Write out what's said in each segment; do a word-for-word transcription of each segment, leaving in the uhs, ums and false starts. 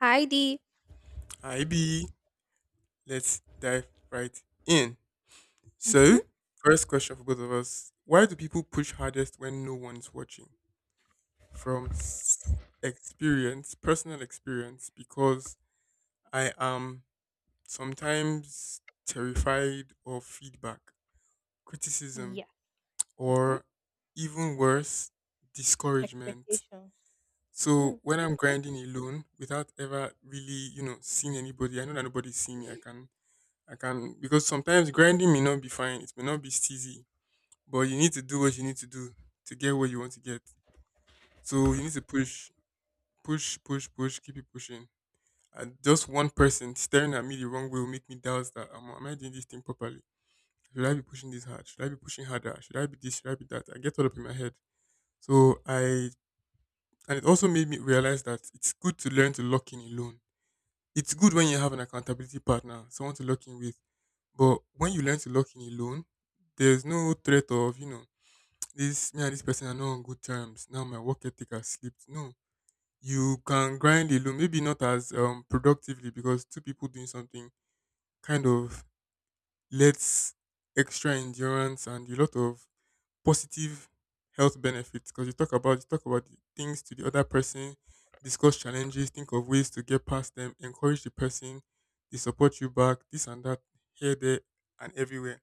Heidi. Hi B, let's dive right in. So, first question for both of us: why do people push hardest when no one's watching? From s- experience, personal experience, because I am sometimes terrified of feedback, criticism, or even worse, discouragement. So when I'm grinding alone without ever really, you know, seeing anybody, I know that nobody's seen me. I can I can because sometimes grinding may not be fine, it may not be steezy, but you need to do what you need to do to get what you want to get. So you need to push, push, push, push, keep it pushing. And just one person staring at me the wrong way will make me doubt that am, am I doing this thing properly? Should I be pushing this hard? Should I be pushing harder? Should I be this? Should I be that? I get all up in my head. So I And it also made me realize that it's good to learn to lock in alone. It's good when you have an accountability partner, someone to lock in with. But when you learn to lock in alone, there's no threat of, you know, this me and this person are not on good terms. Now my work ethic has slipped. No. You can grind alone, maybe not as um productively, because two people doing something kind of lets extra endurance and a lot of positive health benefits because you talk about you talk about the things to the other person, discuss challenges, think of ways to get past them, encourage the person, they support you back, this and that, here, there, and everywhere.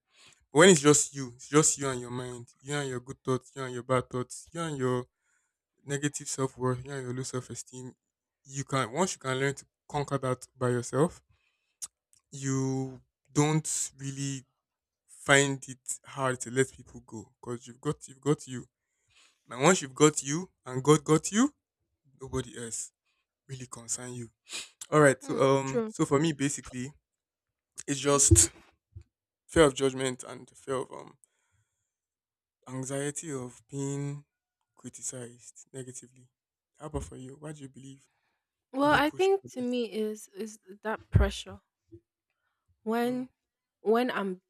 But when it's just you, it's just you and your mind, you and your good thoughts, you and your bad thoughts, you and your negative self worth, you and your low self esteem. You can once you can learn to conquer that by yourself, you don't really find it hard to let people go because you've got you've got you, and once you've got you and God got you, nobody else really concern you. All right. Mm, So um, true. so for me, basically, it's Mm. just fear of judgment and fear of um anxiety of being criticized negatively. How about for you? What do you believe? Well, People I push think for the to best. me is is that pressure Hmm. when when I'm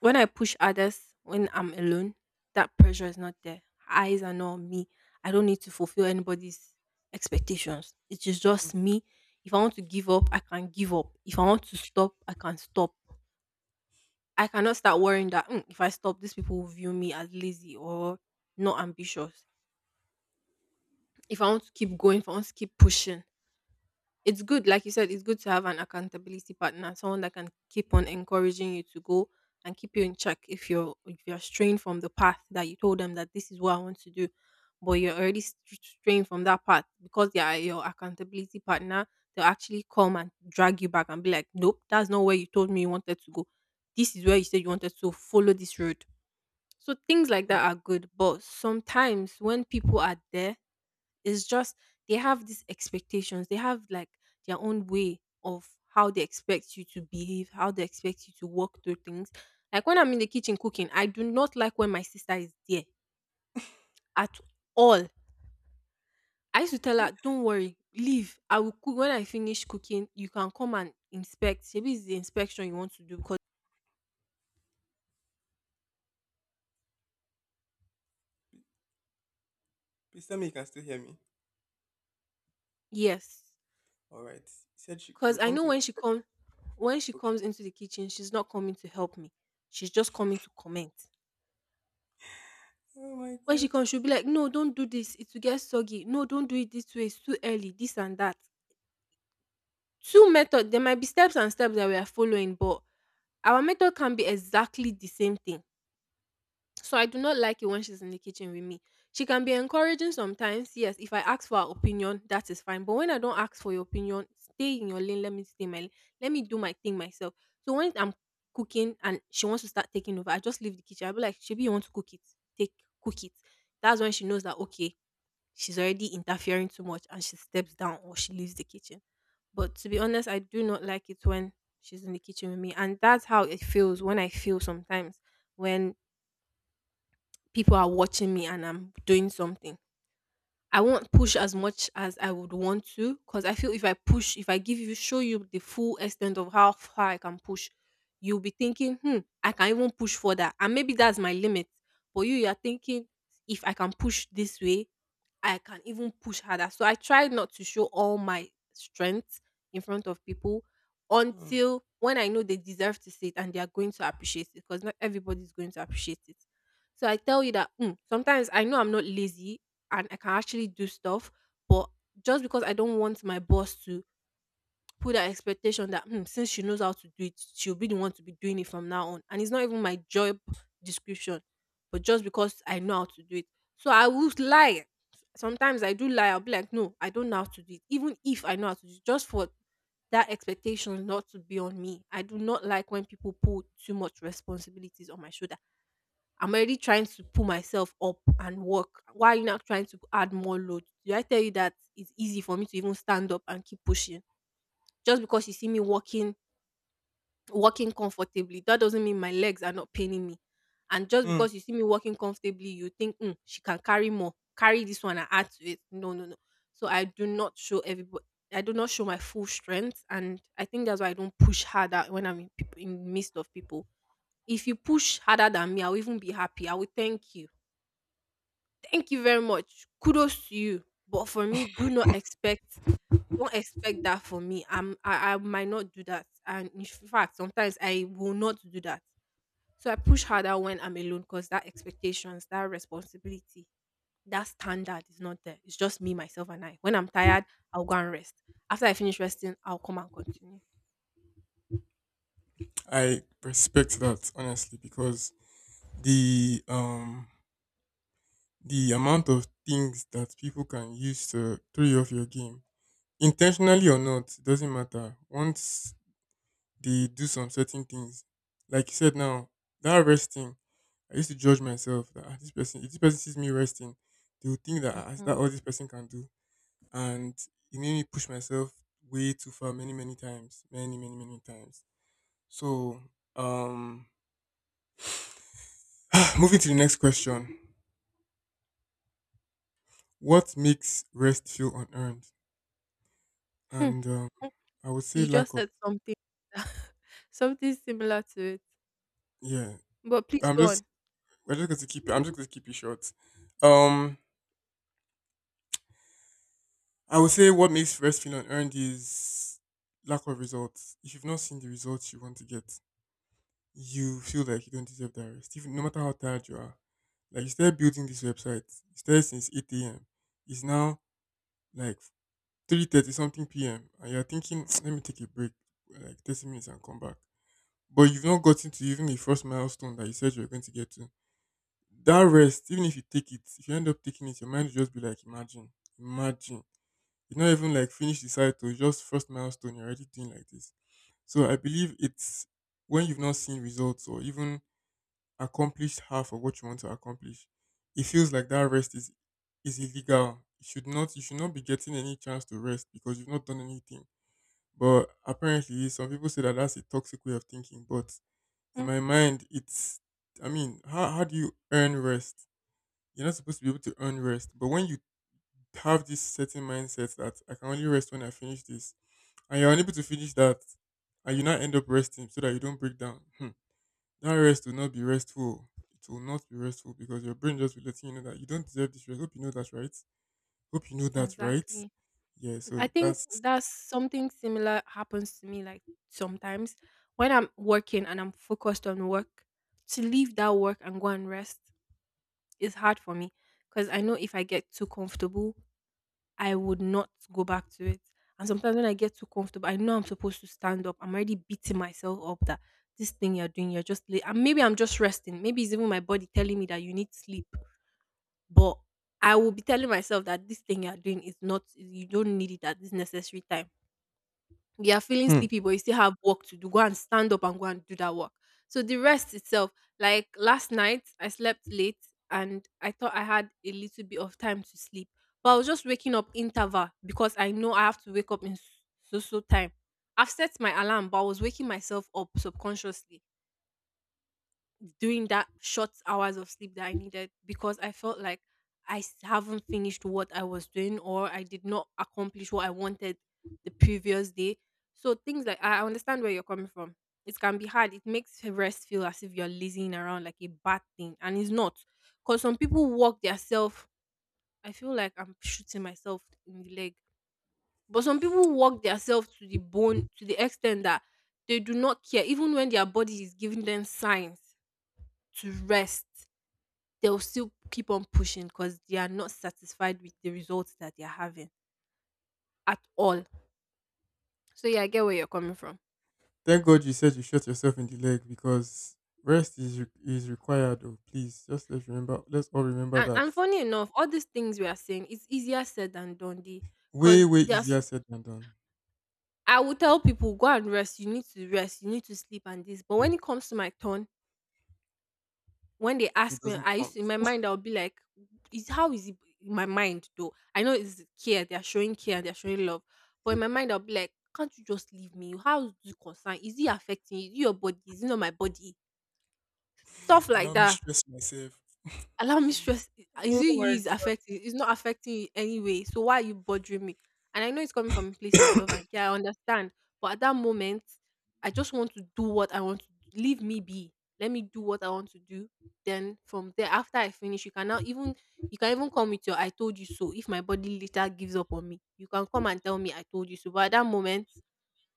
when I push others when I'm alone, that pressure is not there. Eyes are not on me. I don't need to fulfill anybody's expectations. It is just me. If I want to give up, I can give up. If I want to stop, I can stop. I cannot start worrying that "Mm, if I stop, these people will view me as lazy or not ambitious. If I want to keep going, if I want to keep pushing, it's good, like you said, it's good to have an accountability partner, someone that can keep on encouraging you to go and keep you in check if you're if you're straying from the path that you told them that this is what I want to do, but you're already str- straying from that path because they are your accountability partner. They'll actually come and drag you back and be like, "Nope, that's not where you told me you wanted to go. This is where you said you wanted to follow this road." So things like Hmm. that are good, but sometimes when people are there it's just they have these expectations. They have like their own way of how they expect you to behave, how they expect you to walk through things. Like when I'm in the kitchen cooking, I do not like when my sister is there at all. I used to tell her, don't worry, leave. I will cook when I finish cooking. You can come and inspect. Maybe it's the inspection you want to do because Please tell me you can still hear me. yes, All right. She said she, she will because I come know to when she inspect. comes, when she Okay. comes into the kitchen, she's not coming to help me. She's just coming to comment. Oh my When she God. comes, she'll be like, "No, don't do this. It will get soggy. No, don't do it this way. It's too early. This and that." Two method. There might be steps and steps that we are following, but our method can be exactly the same thing. So I do not like it when she's in the kitchen with me. She can be encouraging sometimes. Yes, if I ask for her opinion, that is fine. But when I don't ask for your opinion, stay in your lane. Let me stay in my lane. Let me do my thing myself. So when I'm cooking and she wants to start taking over, I just leave the kitchen. I'll be like, Shebi, you want to cook it? Take Cook it. That's when she knows that okay, she's already interfering too much and she steps down or she leaves the kitchen. But to be honest, I do not like it when she's in the kitchen with me. And that's how it feels when I feel sometimes when people are watching me and I'm doing something. I won't push as much as I would want to because I feel if I push, if I give you, show you the full extent of how far I can push, you'll be thinking, hmm, I can even push further. And maybe that's my limit. For you, you're thinking, if I can push this way, I can even push harder. So I try not to show all my strength in front of people Hmm. until when I know they deserve to see it and they are going to appreciate it because not everybody's going to appreciate it. So I tell you that mm, sometimes I know I'm not lazy and I can actually do stuff, but just because I don't want my boss to put that expectation that hmm, since she knows how to do it, she'll be the one to be doing it from now on. And it's not even my job description, but just because I know how to do it. So I would lie. Sometimes I do lie. I'll be like, no, I don't know how to do it. Even if I know how to do it, just for that expectation not to be on me. I do not like when people put too much responsibilities on my shoulder. I'm already trying to pull myself up and work. Why are you not trying to add more load? Did I tell you that it's easy for me to even stand up and keep pushing? Just because you see me walking walking comfortably, that doesn't mean my legs are not paining me. And just Hmm. because you see me walking comfortably, you think, mm, she can carry more. Carry this one and add to it. No, no, no. So I do not show everybody. I do not show my full strength, and I think that's why I don't push harder when I'm in, peop in midst of people. If you push harder than me, I'll even be happy. I will thank you. Thank you very much. Kudos to you. But for me, do not expect don't expect that from me. I'm I, I might not do that. And in fact, sometimes I will not do that. So I push harder when I'm alone because that expectations, that responsibility, that standard is not there. It's just me, myself, and I. When I'm tired, I'll go and rest. After I finish resting, I'll come and continue. I respect that honestly because the um the amount of things that people can use to throw you off your game, intentionally or not, it doesn't matter. Once they do some certain things, like you said now, that resting, I used to judge myself that "Ah, this person, if this person sees me resting, they will think that, ah, Mhm. that all this person can do," and it made me push myself way too far, many many times, many many many times. So, um, moving to the next question, what makes rest feel unearned? Hmm. And um, Hmm. I would say You lack just of. said something something similar to it. Yeah, But please I'm go just on. we're just going to keep it. I'm just going to keep it short. Um, I would say what makes rest feel unearned is lack of results. If you've not seen the results you want to get, you feel like you don't deserve that rest, even no matter how tired you are. Like you started building this website, you started since eight a m. It's now like three thirty something p m and you're thinking, let me take a break, like thirty minutes and come back. But you've not gotten to even the first milestone that you said you were going to get to. That rest, even if you take it, if you end up taking it, your mind will just be like, imagine, imagine. You're not even like finished the cycle, it's just first milestone, you're already doing like this. So I believe it's when you've not seen results or even accomplished half of what you want to accomplish, it feels like that rest is is illegal. You should not you should not be getting any chance to rest because you've not done anything. But apparently some people say that that's a toxic way of thinking. But in Mm. my mind it's, I mean, how how do you earn rest? You're not supposed to be able to earn rest. But when you have this certain mindset that I can only rest when I finish this, and you're unable to finish that, and you now end up resting so that you don't break down, hmm, that rest will not be restful. It will not be restful because your brain just will let you know that you don't deserve this rest. Hope you know that, right? Hope you know that, right? Exactly. Yeah, I so think that's. that's something similar happens to me like sometimes when I'm working and I'm focused on work, to leave that work and go and rest is hard for me because I know if I get too comfortable, I would not go back to it. And sometimes when I get too comfortable, I know I'm supposed to stand up. I'm already beating myself up that this thing you're doing, you're just late. And maybe I'm just resting. Maybe it's even my body telling me that you need sleep. But I will be telling myself that this thing you're doing is not, you don't need it at this necessary time you are feeling Hmm. sleepy but you still have work to do go and stand up and go and do that work so the rest itself like last night I slept late and I thought I had a little bit of time to sleep but I was just waking up interval because I know I have to wake up in so so time I've set my alarm but I was waking myself up subconsciously doing that short hours of sleep that I needed because I felt like I s- haven't finished what I was doing or I did not accomplish what I wanted the previous day. So things like I I understand where you're coming from. It can be hard. It makes rest feel as if you're lazing around like a bad thing, and it's not. Cause some people walk themselves. I feel like I'm shooting myself in the leg. But some people work themselves to the bone to the extent that they do not care, even when their body is giving them signs to rest they'll still keep on pushing because they are not satisfied with the results that they're having at all. So yeah, I get where you're coming from. Thank God you said you shot yourself in the leg because rest is re- is required. Oh, please, just let's remember. Let's all remember And, that. and funny enough, all these things we are saying, it's easier said than done. Way Because way there's, easier said than done. I will tell people, go and rest. You need to rest. You need to sleep and this. But when it comes to my turn, when they It ask me, doesn't I used count. to in my mind I'll be like, "Is how is it in my mind though? I know it's care. They are showing care. They are showing love. But in my mind I'll be like, can't you just leave me? How is it concern? Is it affecting you? Is it your body? Is it not my body? Stuff Allow like me that stress myself. allow me stress. Is Oh it you my, is affecting? It's not affecting you anyway. So why are you bothering me? And I know it's coming from a place of love and care. I understand. But at that moment, I just want to do what I want to do. Leave me be. Let me do what I want to do. Then from there, after I finish, you can now even you can even come with your I told you so. If my body later gives up on me, you can come and tell me I told you so. But at that moment,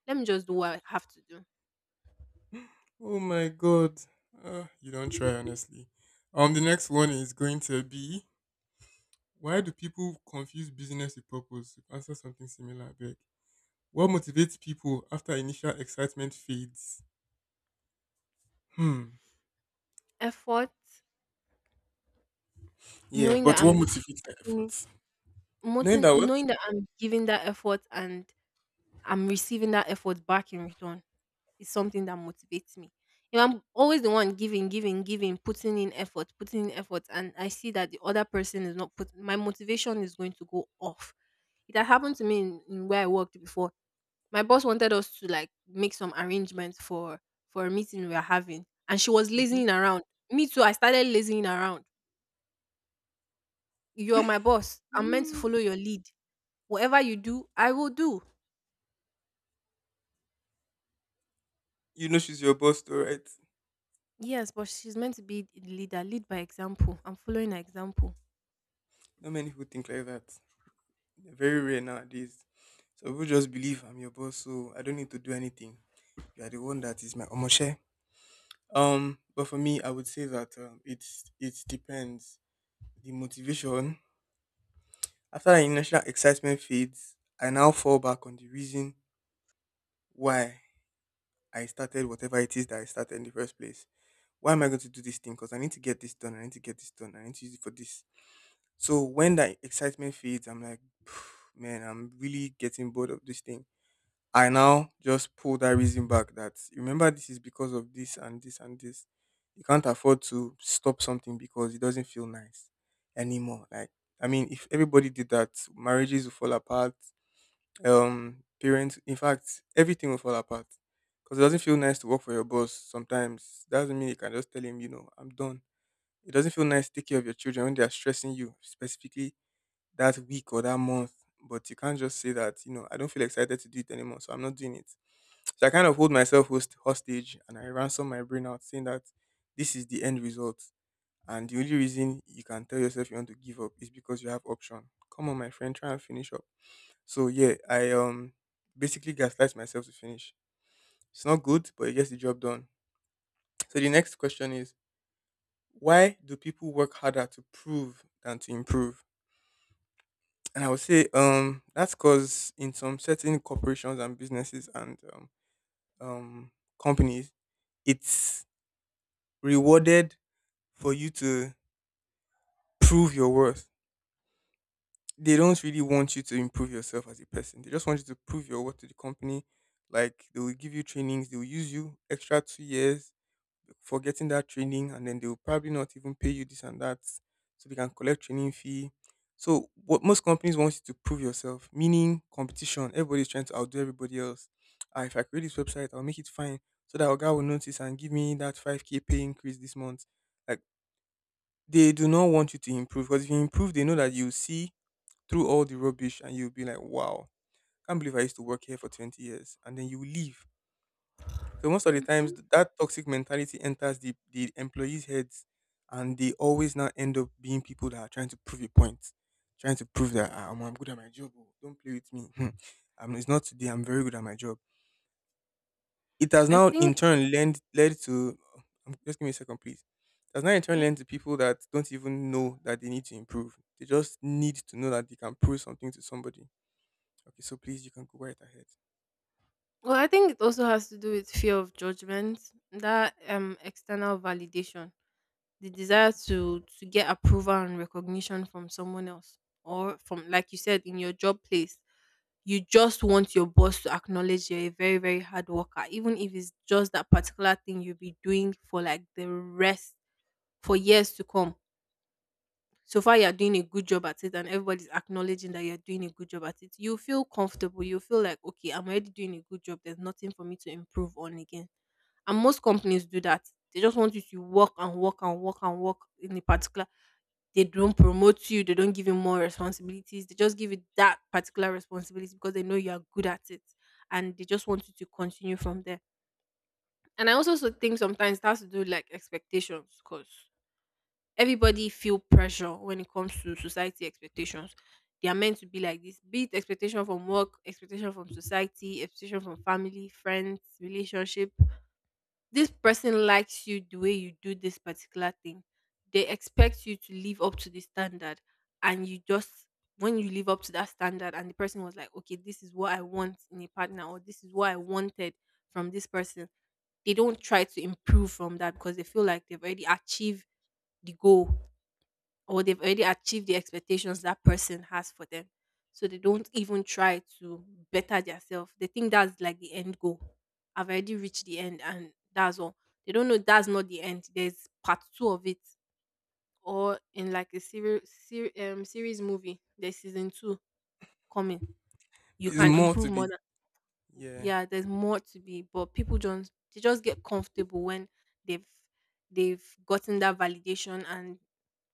let me just do what I have to do. oh my God. Uh, you don't try, honestly. Um, the next one is going to be, why do people confuse business with purpose? You've answered something similar, Beck. What motivates people after initial excitement fades? Hmm. Effort, Yeah, knowing but that what I'm motivates the giving, efforts? Knowing that what? knowing that I'm giving that effort and I'm receiving that effort back in return is something that motivates me. If I'm always the one giving, giving, giving, putting in effort, putting in effort, and I see that the other person is not putting, my motivation is going to go off. It had happened to me in, in where I worked before. My boss wanted us to like make some arrangements for for a meeting we were having, and she was Mhm. lazying around. Me too. I started lazying around. You're my boss. I'm meant to Mm. follow your lead. Whatever you do, I will do. You know she's your boss, though, right? Yes, but she's meant to be the leader. Lead by example. I'm following her example. Not many people think like that. They're very rare nowadays. So people just believe I'm your boss, so I don't need to do anything. You are the one that is my omoshe. Um, but for me, I would say that um, it's it depends, the motivation. After the initial excitement fades, I now fall back on the reason why I started whatever it is that I started in the first place. Why am I going to do this thing? Because I need to get this done. I need to get this done. I need to use it for this. So when that excitement fades, I'm like, "Phew, man, I'm really getting bored of this thing." I now just pull that reason back that remember this is because of this and this and this. You can't afford to stop something because it doesn't feel nice anymore. Like, I mean, if everybody did that, marriages will fall apart. Um, parents, in fact, everything will fall apart because it doesn't feel nice to work for your boss. Sometimes doesn't mean you can just tell him, you know, I'm done. It doesn't feel nice to take care of your children when they are stressing you specifically that week or that month. But you can't just say that, you know, I don't feel excited to do it anymore, so I'm not doing it. So I kind of hold myself host- hostage and I ransom my brain out saying that this is the end result. And the only reason you can tell yourself you want to give up is because you have option. Come on, my friend, try and finish up. So yeah, I um basically gaslight myself to finish. It's not good, but it gets the job done. So the next question is, why do people work harder to prove than to improve? And I would say um that's because in some certain corporations and businesses and um, um companies, it's rewarded for you to prove your worth. They don't really want you to improve yourself as a person. They just want you to prove your worth to the company. Like they will give you trainings, they will use you extra two years for getting that training, and then they will probably not even pay you this and that, so they can collect training fee. So what most companies want you to prove yourself, meaning competition. Everybody's trying to outdo everybody else. Ah, if I create this website, I'll make it fine so that our guy will notice and give me that five k pay increase this month. Like, they do not want you to improve because if you improve, they know that you see through all the rubbish and you'll be like, wow, can't believe I used to work here for twenty years. And then you will leave. So most of the times, Hmm. th- that toxic mentality enters the, the employees' heads, and they always now end up being people that are trying to prove a point, trying to prove that, "Ah, omo, I'm good at my job. Oh, don't play with me. I'm, it's not today. I'm very good at my job." It has I now in think. turn led led to um, just give me a second, please. It has now in turn mm, led to people that don't even know that they need to improve. They just need to know that they can prove something to somebody. Okay, so please you can go right ahead. Well, I think it also has to do with fear of judgment, that um external validation, the Hmm. desire to to get approval and recognition from someone else, or from like you said in your job place. You just want your boss to acknowledge you're a very very hard worker, even if it's just that particular thing you'll be doing for like the rest, for years to come. So far you're doing a good job at it, and everybody's acknowledging that you're doing a good job at it, you feel comfortable, you feel like, okay, I'm already doing a good job, there's nothing for me to improve on again. And most companies do that. They just want you to work and work and work and work in a particular. They don't promote you, they don't give you more responsibilities. They just give you that particular responsibility because they know you are good at it, and they just want you to continue from there. And I also so think sometimes it has to do like expectations, because everybody feel pressure when it comes to society expectations. They are meant to be like this, be it expectation from work, expectation from society, expectation from family, friends, relationship. This person likes you the way you do this particular thing. They expect you to live up to the standard. And you just, when you live up to that standard, and the person was like, okay, this is what I want in a partner, or this is what I wanted from this person, they don't try to improve from that because they feel like they've already achieved the goal, or they've already achieved the expectations that person has for them. So they don't even try to better themselves. They think that's like the end goal. I've already reached the end and that's all. They don't know that's not the end. There's part two of it. Or in like a series, ser- um, series movie. There's season two coming. You There's can more improve to more. be. Yeah. Yeah, there's more to be, but people don't. They just get comfortable when they've they've gotten that validation and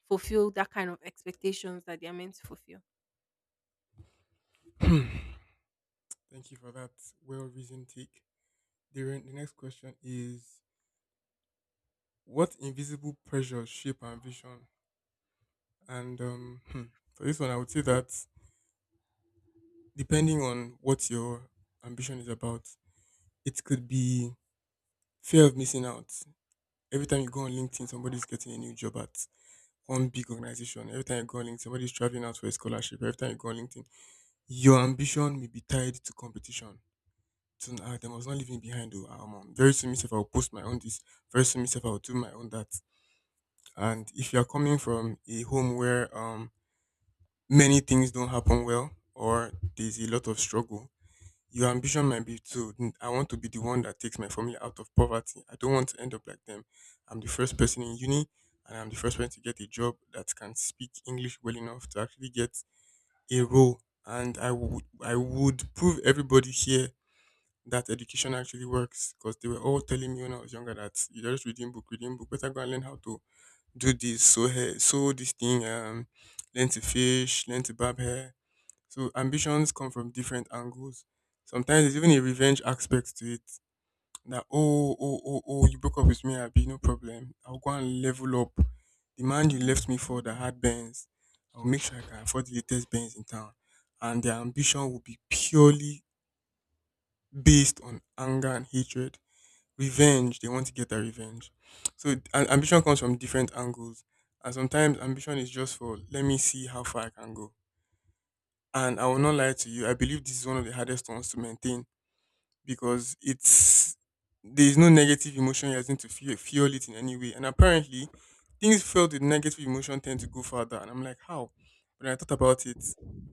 fulfill that kind of expectations that they're meant to fulfill. Thank you for that well reasoned take. The, re- the next question is, what invisible pressures shape our ambition? And um, hmm, for this one, I would say that, depending on what your ambition is about, it could be fear of missing out. Every time you go on LinkedIn, somebody's getting a new job at one big organization. Every time you go on LinkedIn, somebody's traveling out for a scholarship. Every time you go on LinkedIn, your ambition may be tied to competition. So uh, there was not leaving behind. Oh, um, um, Very soon, myself, I'll post my own this. Very soon, myself, I'll do my own that. And if you are coming from a home where um many things don't happen well or there's a lot of struggle, your ambition might be to, "Hmm, I want to be the one that takes my family out of poverty. I don't want to end up like them. I'm the first person in uni, and I'm the first one to get a job that can speak English well enough to actually get a role. And I would, I would prove everybody here that education actually works, because they were all telling me when I was younger that you just reading book, reading book, better go and learn how to do this, So hair, sew this thing, um, learn to fish, learn to barb hair. So ambitions come from different angles. Sometimes there's even a revenge aspect to it. That, oh oh oh oh you broke up with me, I'll be no problem. I'll go and level up. The man you left me for that had Benz, I'll make sure I can afford the latest Benz in town. And their ambition will be purely based on anger and hatred. Revenge, they want to get their revenge. So and ambition comes from different angles. And sometimes ambition is just for, let me see how far I can go, and I will not lie to you, I believe this is one of the hardest ones to maintain, because it's there is no negative emotion you are going to fuel, fuel it in any way. And apparently, things filled with negative emotion tend to go further. And I'm like, how? But I thought about it,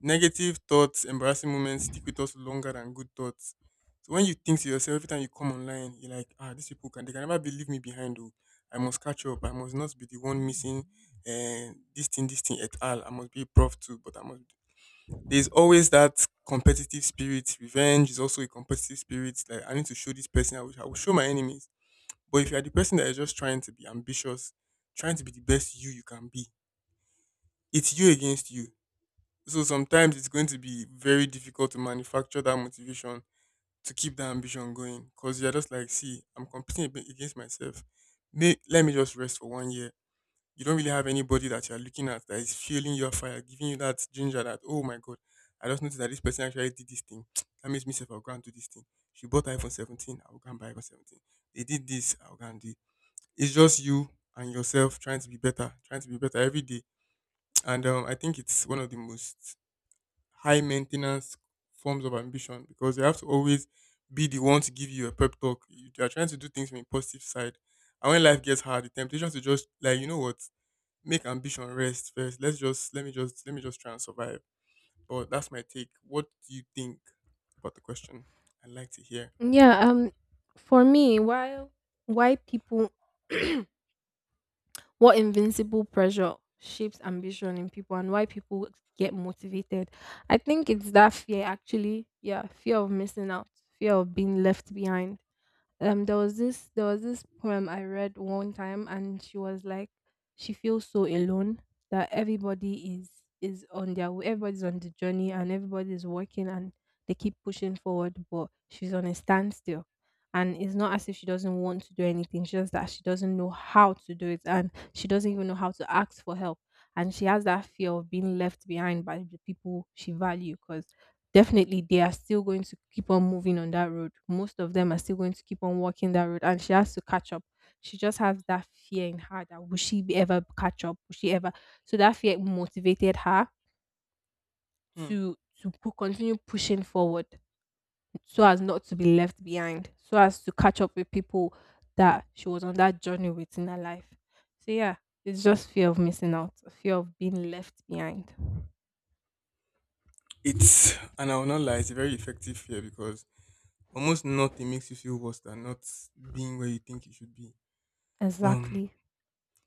negative thoughts, embarrassing moments stick with us longer than good thoughts. So when you think to yourself, every time you come online, you're like, ah, these people can they can never believe me behind. Oh, I must catch up. I must not be the one missing. And this thing, this thing et al. I must be a prof too, but I must there's always that competitive spirit. Revenge is also a competitive spirit. Like, I need to show this person. I will, I will show my enemies. But if you are the person that is just trying to be ambitious, trying to be the best you you can be, it's you against you. So sometimes it's going to be very difficult to manufacture that motivation to keep that ambition going, because you're just like, see, I'm competing a bit against myself. May, let me just rest for one year. You don't really have anybody that you're looking at that is fueling your fire, giving you that ginger that, oh my God, I just noticed that this person actually did this thing. That makes me say, I'll go and do this thing. She bought iPhone seventeen, I'll go and buy iPhone seventeen. They did this, I'll go and do it. It's just you and yourself trying to be better, trying to be better every day. And um, I think it's one of the most high maintenance forms of ambition, because you have to always be the one to give you a pep talk. You you are trying to do things from a positive side. And when life gets hard, the temptation to just, like, you know what? Make ambition rest first. Let's just let me just let me just try and survive. But that's my take. What do you think about the question? I'd like to hear. Yeah, um for me, while why people, what invincible pressure shapes ambition in people and why people get motivated. I think it's that fear actually. Yeah, fear of missing out, fear of being left behind. um there was this there was this poem I read one time and she was like, she feels so alone, that everybody is is on their way, everybody's on the journey, and everybody is working and they keep pushing forward, but she's on a standstill. And it's not as if she doesn't want to do anything, it's just that she doesn't know how to do it, and she doesn't even know how to ask for help. And she has that fear of being left behind by the people she values, because definitely they are still going to keep on moving on that road. Most of them are still going to keep on walking that road, and she has to catch up. She just has that fear in her that will she be ever catch up? Will she ever? So that fear motivated her Hmm. to to pu- continue pushing forward, so as not to be left behind, so as to catch up with people that she was on that journey with in her life. So yeah, it's just fear of missing out, fear of being left behind. It's and I will not lie, it's a very effective fear, because almost nothing makes you feel worse than not being where you think you should be. Um Exactly.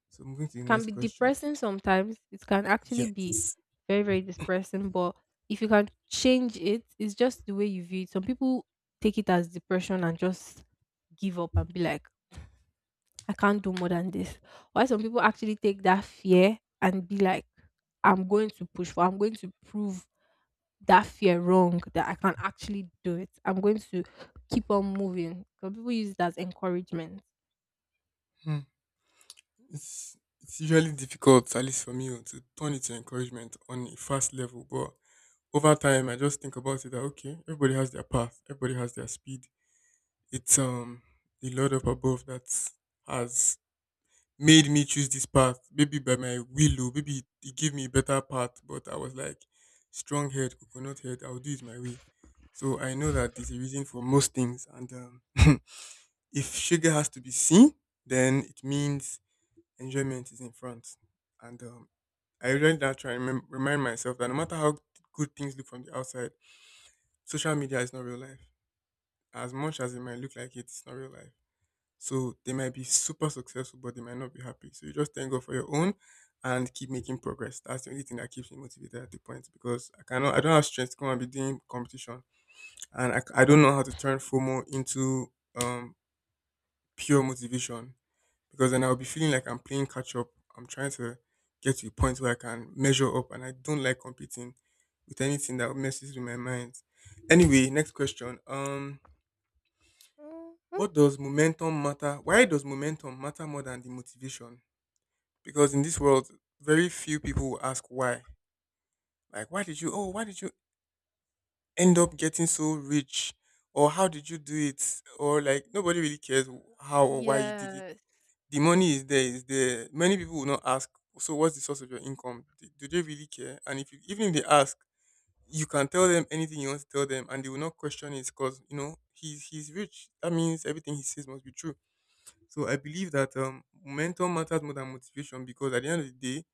so moving to the Can next be question. depressing sometimes. It can actually be Yes. very, very depressing. But if you can change it, it's just the way you view it. Some people take it as depression and just give up and be like, I can't do more than this. Why some people actually take that fear and be like, I'm going to push for, I'm going to prove that fear wrong, that I can actually do it. I'm going to keep on moving. Some people use it as encouragement. Hmm. It's it's usually difficult, at least for me, oh, to turn it to encouragement on a fast level. But over time, I just think about it that okay, everybody has their path, everybody has their speed. It's um the Lord up above that has made me choose this path. Maybe by my will, oh, maybe He gave me a better path, but I was like strong head, coconut head. I'll do it my way. So I know that there's a reason for most things, and um, if sugar has to be seen, then it means enjoyment is in front. And um, I learned that try and remem- remind myself that no matter how good things look from the outside, social media is not real life. As much as it might look like it, it's not real life. So they might be super successful, but they might not be happy. So you just thank God for your own and keep making progress. That's the only thing that keeps me motivated at the point, because I cannot, I don't have strength to come and be doing competition, and I, I don't know how to turn FOMO into um pure motivation, because then I'll be feeling like I'm playing catch up. I'm trying to get to a point where I can measure up, and I don't like competing with anything that messes with my mind. Anyway, next question. Um, Mhm. what does momentum matter? Why does momentum matter more than the motivation? Because in this world, very few people will ask why. Like, why did you? Oh, why did you end up getting so rich? Or how did you do it? Or like nobody really cares how or why you did it. Yes. The money is there, is there. Many people will not ask, so what's the source of your income? Do do they really care? And if you, even if they ask, you can tell them anything you want to tell them, and they will not question it, because you know he's he's rich. That means everything he says must be true. So I believe that um, momentum matters more than motivation, because at the end of the day,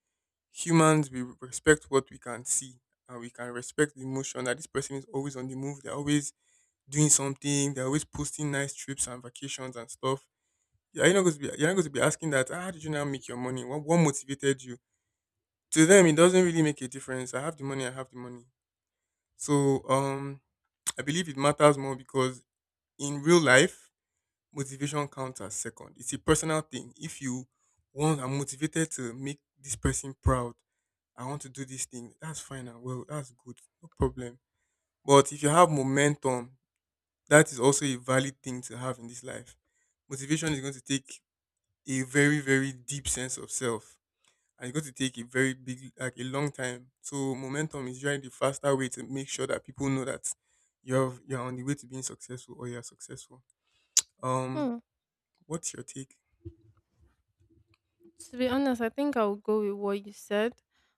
humans we respect what we can see, and we can respect the emotion that this person is always on the move. They're always doing something. They're always posting nice trips and vacations and stuff. Yeah, you're not going to be you're not going to be asking that, "Ah, how did you now make your money? What what motivated you? To them it doesn't really make a difference. I have the money, I have the money. So um I believe it matters more because in real life, motivation counts as second. It's a personal thing. If you want, I'm motivated to make this person proud, I want to do this thing, that's fine and well, that's good, no problem. But if you have momentum, that is also a valid thing to have in this life. Motivation is going to take a very, very deep sense of self, and it's going to take a very big, like a long time. So momentum is usually the faster way to make sure that people know that you're you're on the way to being successful or you're successful. Um, what's your take? To be honest, I think I'll go with what you said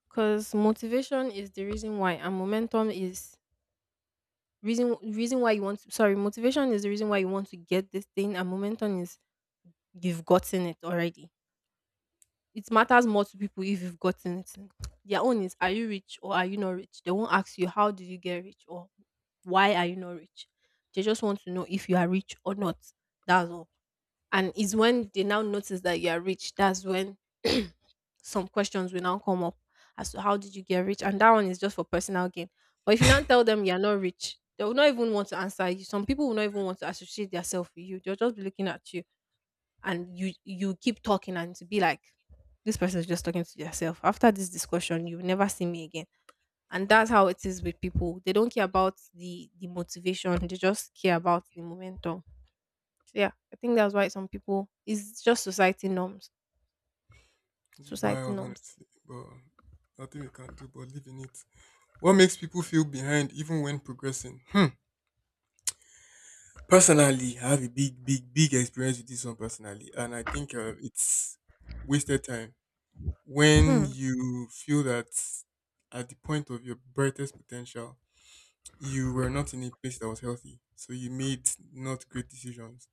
because motivation is the reason why, and momentum is reason reason why you want to, sorry, motivation is the reason why you want to get this thing, and momentum is you've gotten it already. It matters more to people if you've gotten it. Their own is, are you rich or are you not rich? They won't ask you how did you get rich or why are you not rich? They just want to know if you are rich or not. That's all. And it's when they now notice that you are rich, that's when some questions will now come up as to how did you get rich, and that one is just for personal gain. But if you now tell them you are not rich, they will not even want to answer you. Some people will not even want to associate themselves with you. They'll just be looking at you, and you you keep talking and to be like, this person is just talking to yourself. After this discussion you will never see me again. And that's how it is with people. They don't care about the the motivation, they just care about the momentum. So yeah, I think that's why some people, it's just society norms. It's Society wild, norms. honestly, but nothing we can do but live in it. What makes people feel behind even when progressing? Hmm. Personally, I have a big, big, big experience with this one personally, and I think uh, it's wasted time, when Hmm. you feel that at the point of your brightest potential you were not in a place that was healthy. So you made not great decisions.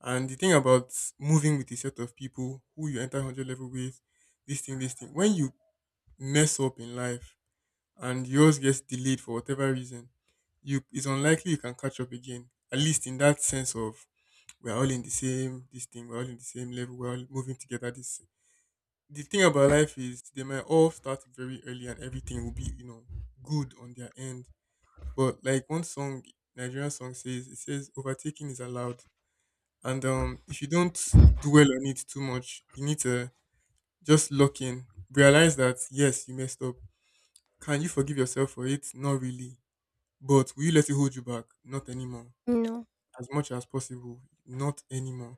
And the thing about moving with a set of people who you enter one hundred level with, this thing, this thing, when you mess up in life and yours gets delayed for whatever reason, you it's unlikely you can catch up again. At least in that sense of we're all in the same this thing, we're all in the same level, we're all moving together. This the thing about life is they might all start very early and everything will be, you know, good on their end. But like one song, Nigerian song says, it says overtaking is allowed, and um, if you don't dwell on it too much, you need to just lock in, realize that yes, you messed up. Can you forgive yourself for it? Not really. But will you let it hold you back? Not anymore. No. As much as possible, not anymore.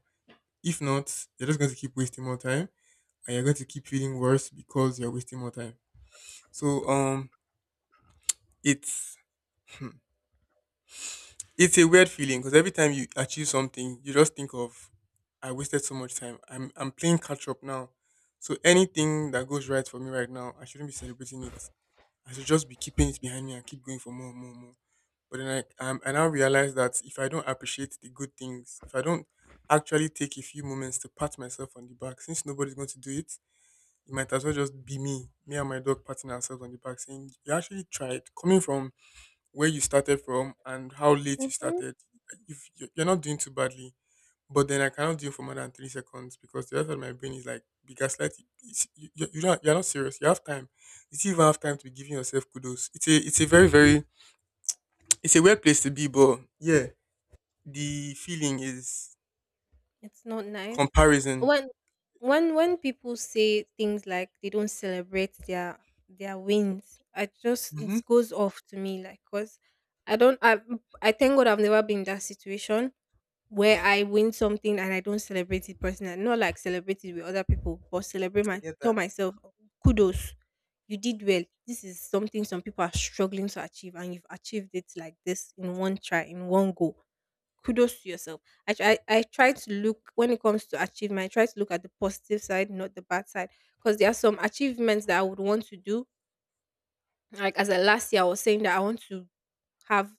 If not, you're just going to keep wasting more time, and you're going to keep feeling worse because you're wasting more time. So um, it's it's a weird feeling because every time you achieve something, you just think of I wasted so much time. I'm I'm playing catch up now. So anything that goes right for me right now, I shouldn't be celebrating it. I should just be keeping it behind me and keep going for more, more, more. But then I um, I now realize that if I don't appreciate the good things, if I don't actually take a few moments to pat myself on the back, since nobody's going to do it, it might as well just be me, me and my dog patting ourselves on the back, saying you actually tried. Coming from where you started from and how late you Mm-hmm. started. If you- You're not doing too badly, but then I cannot do it for more than three seconds, because the rest of my brain is like, be gaslighting. It's- You, you, you're, not, you're not serious. You have time. You still even have time to be giving yourself kudos. It's a it's a very very it's a weird place to be, but yeah, the feeling is It's not nice. comparison. When when when people say things like they don't celebrate their their wins, I just it Hmm. goes off to me like, cause I don't I I thank God I've never been in that situation, where I win something and I don't celebrate it personally. Not like celebrate it with other people, but celebrate, I my, get tell that. myself, kudos, you did well. This is something some people are struggling to achieve, and you've achieved it like this in one try, in one go. Kudos to yourself. I try, I try to look when it comes to achievement. I try to look at the positive side, not the bad side, because there are some achievements that I would want to do. Like as a last year, I was saying that I want to have,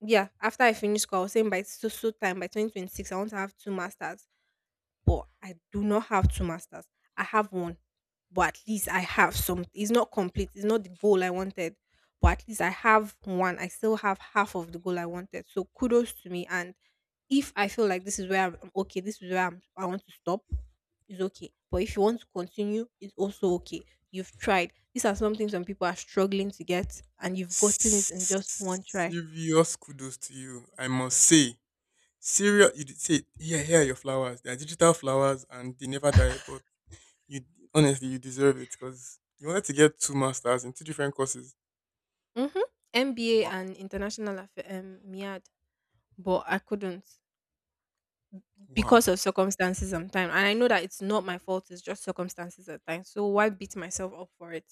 yeah. After I finish school, I was saying by so so time by twenty twenty six, I want to have two masters. But I do not have two masters. I have one, but at least I have some, it's not complete, it's not the goal I wanted, but at least I have one. I still have half of the goal I wanted. So kudos to me. And if I feel like this is where I'm okay, this is where I'm, I want to stop, it's okay. But if you want to continue, it's also okay. You've tried. These are something some people are struggling to get, and you've gotten it in just one try. Serious kudos to you, I must say, serious you did say, yeah, here are your flowers, they are digital flowers and they never die, but you honestly, you deserve it because you wanted to get two masters in two different courses. Mm-hmm. M B A Wow, and international affair, um, M I A D, but I couldn't. Because wow. of circumstances sometimes. And I know that it's not my fault, it's just circumstances at times. So why beat myself up for it?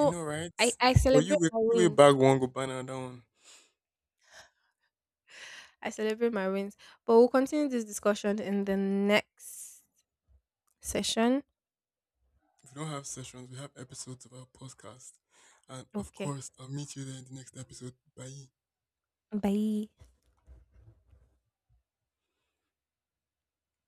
I know, right? I, I But you celebrate will, my you will wins. bag one go ban another one. I celebrate my wins. But we'll continue this discussion in the next session. We don't have sessions. We have episodes of our podcast, and of Okay. course, I'll meet you there in the next episode. Bye. Bye.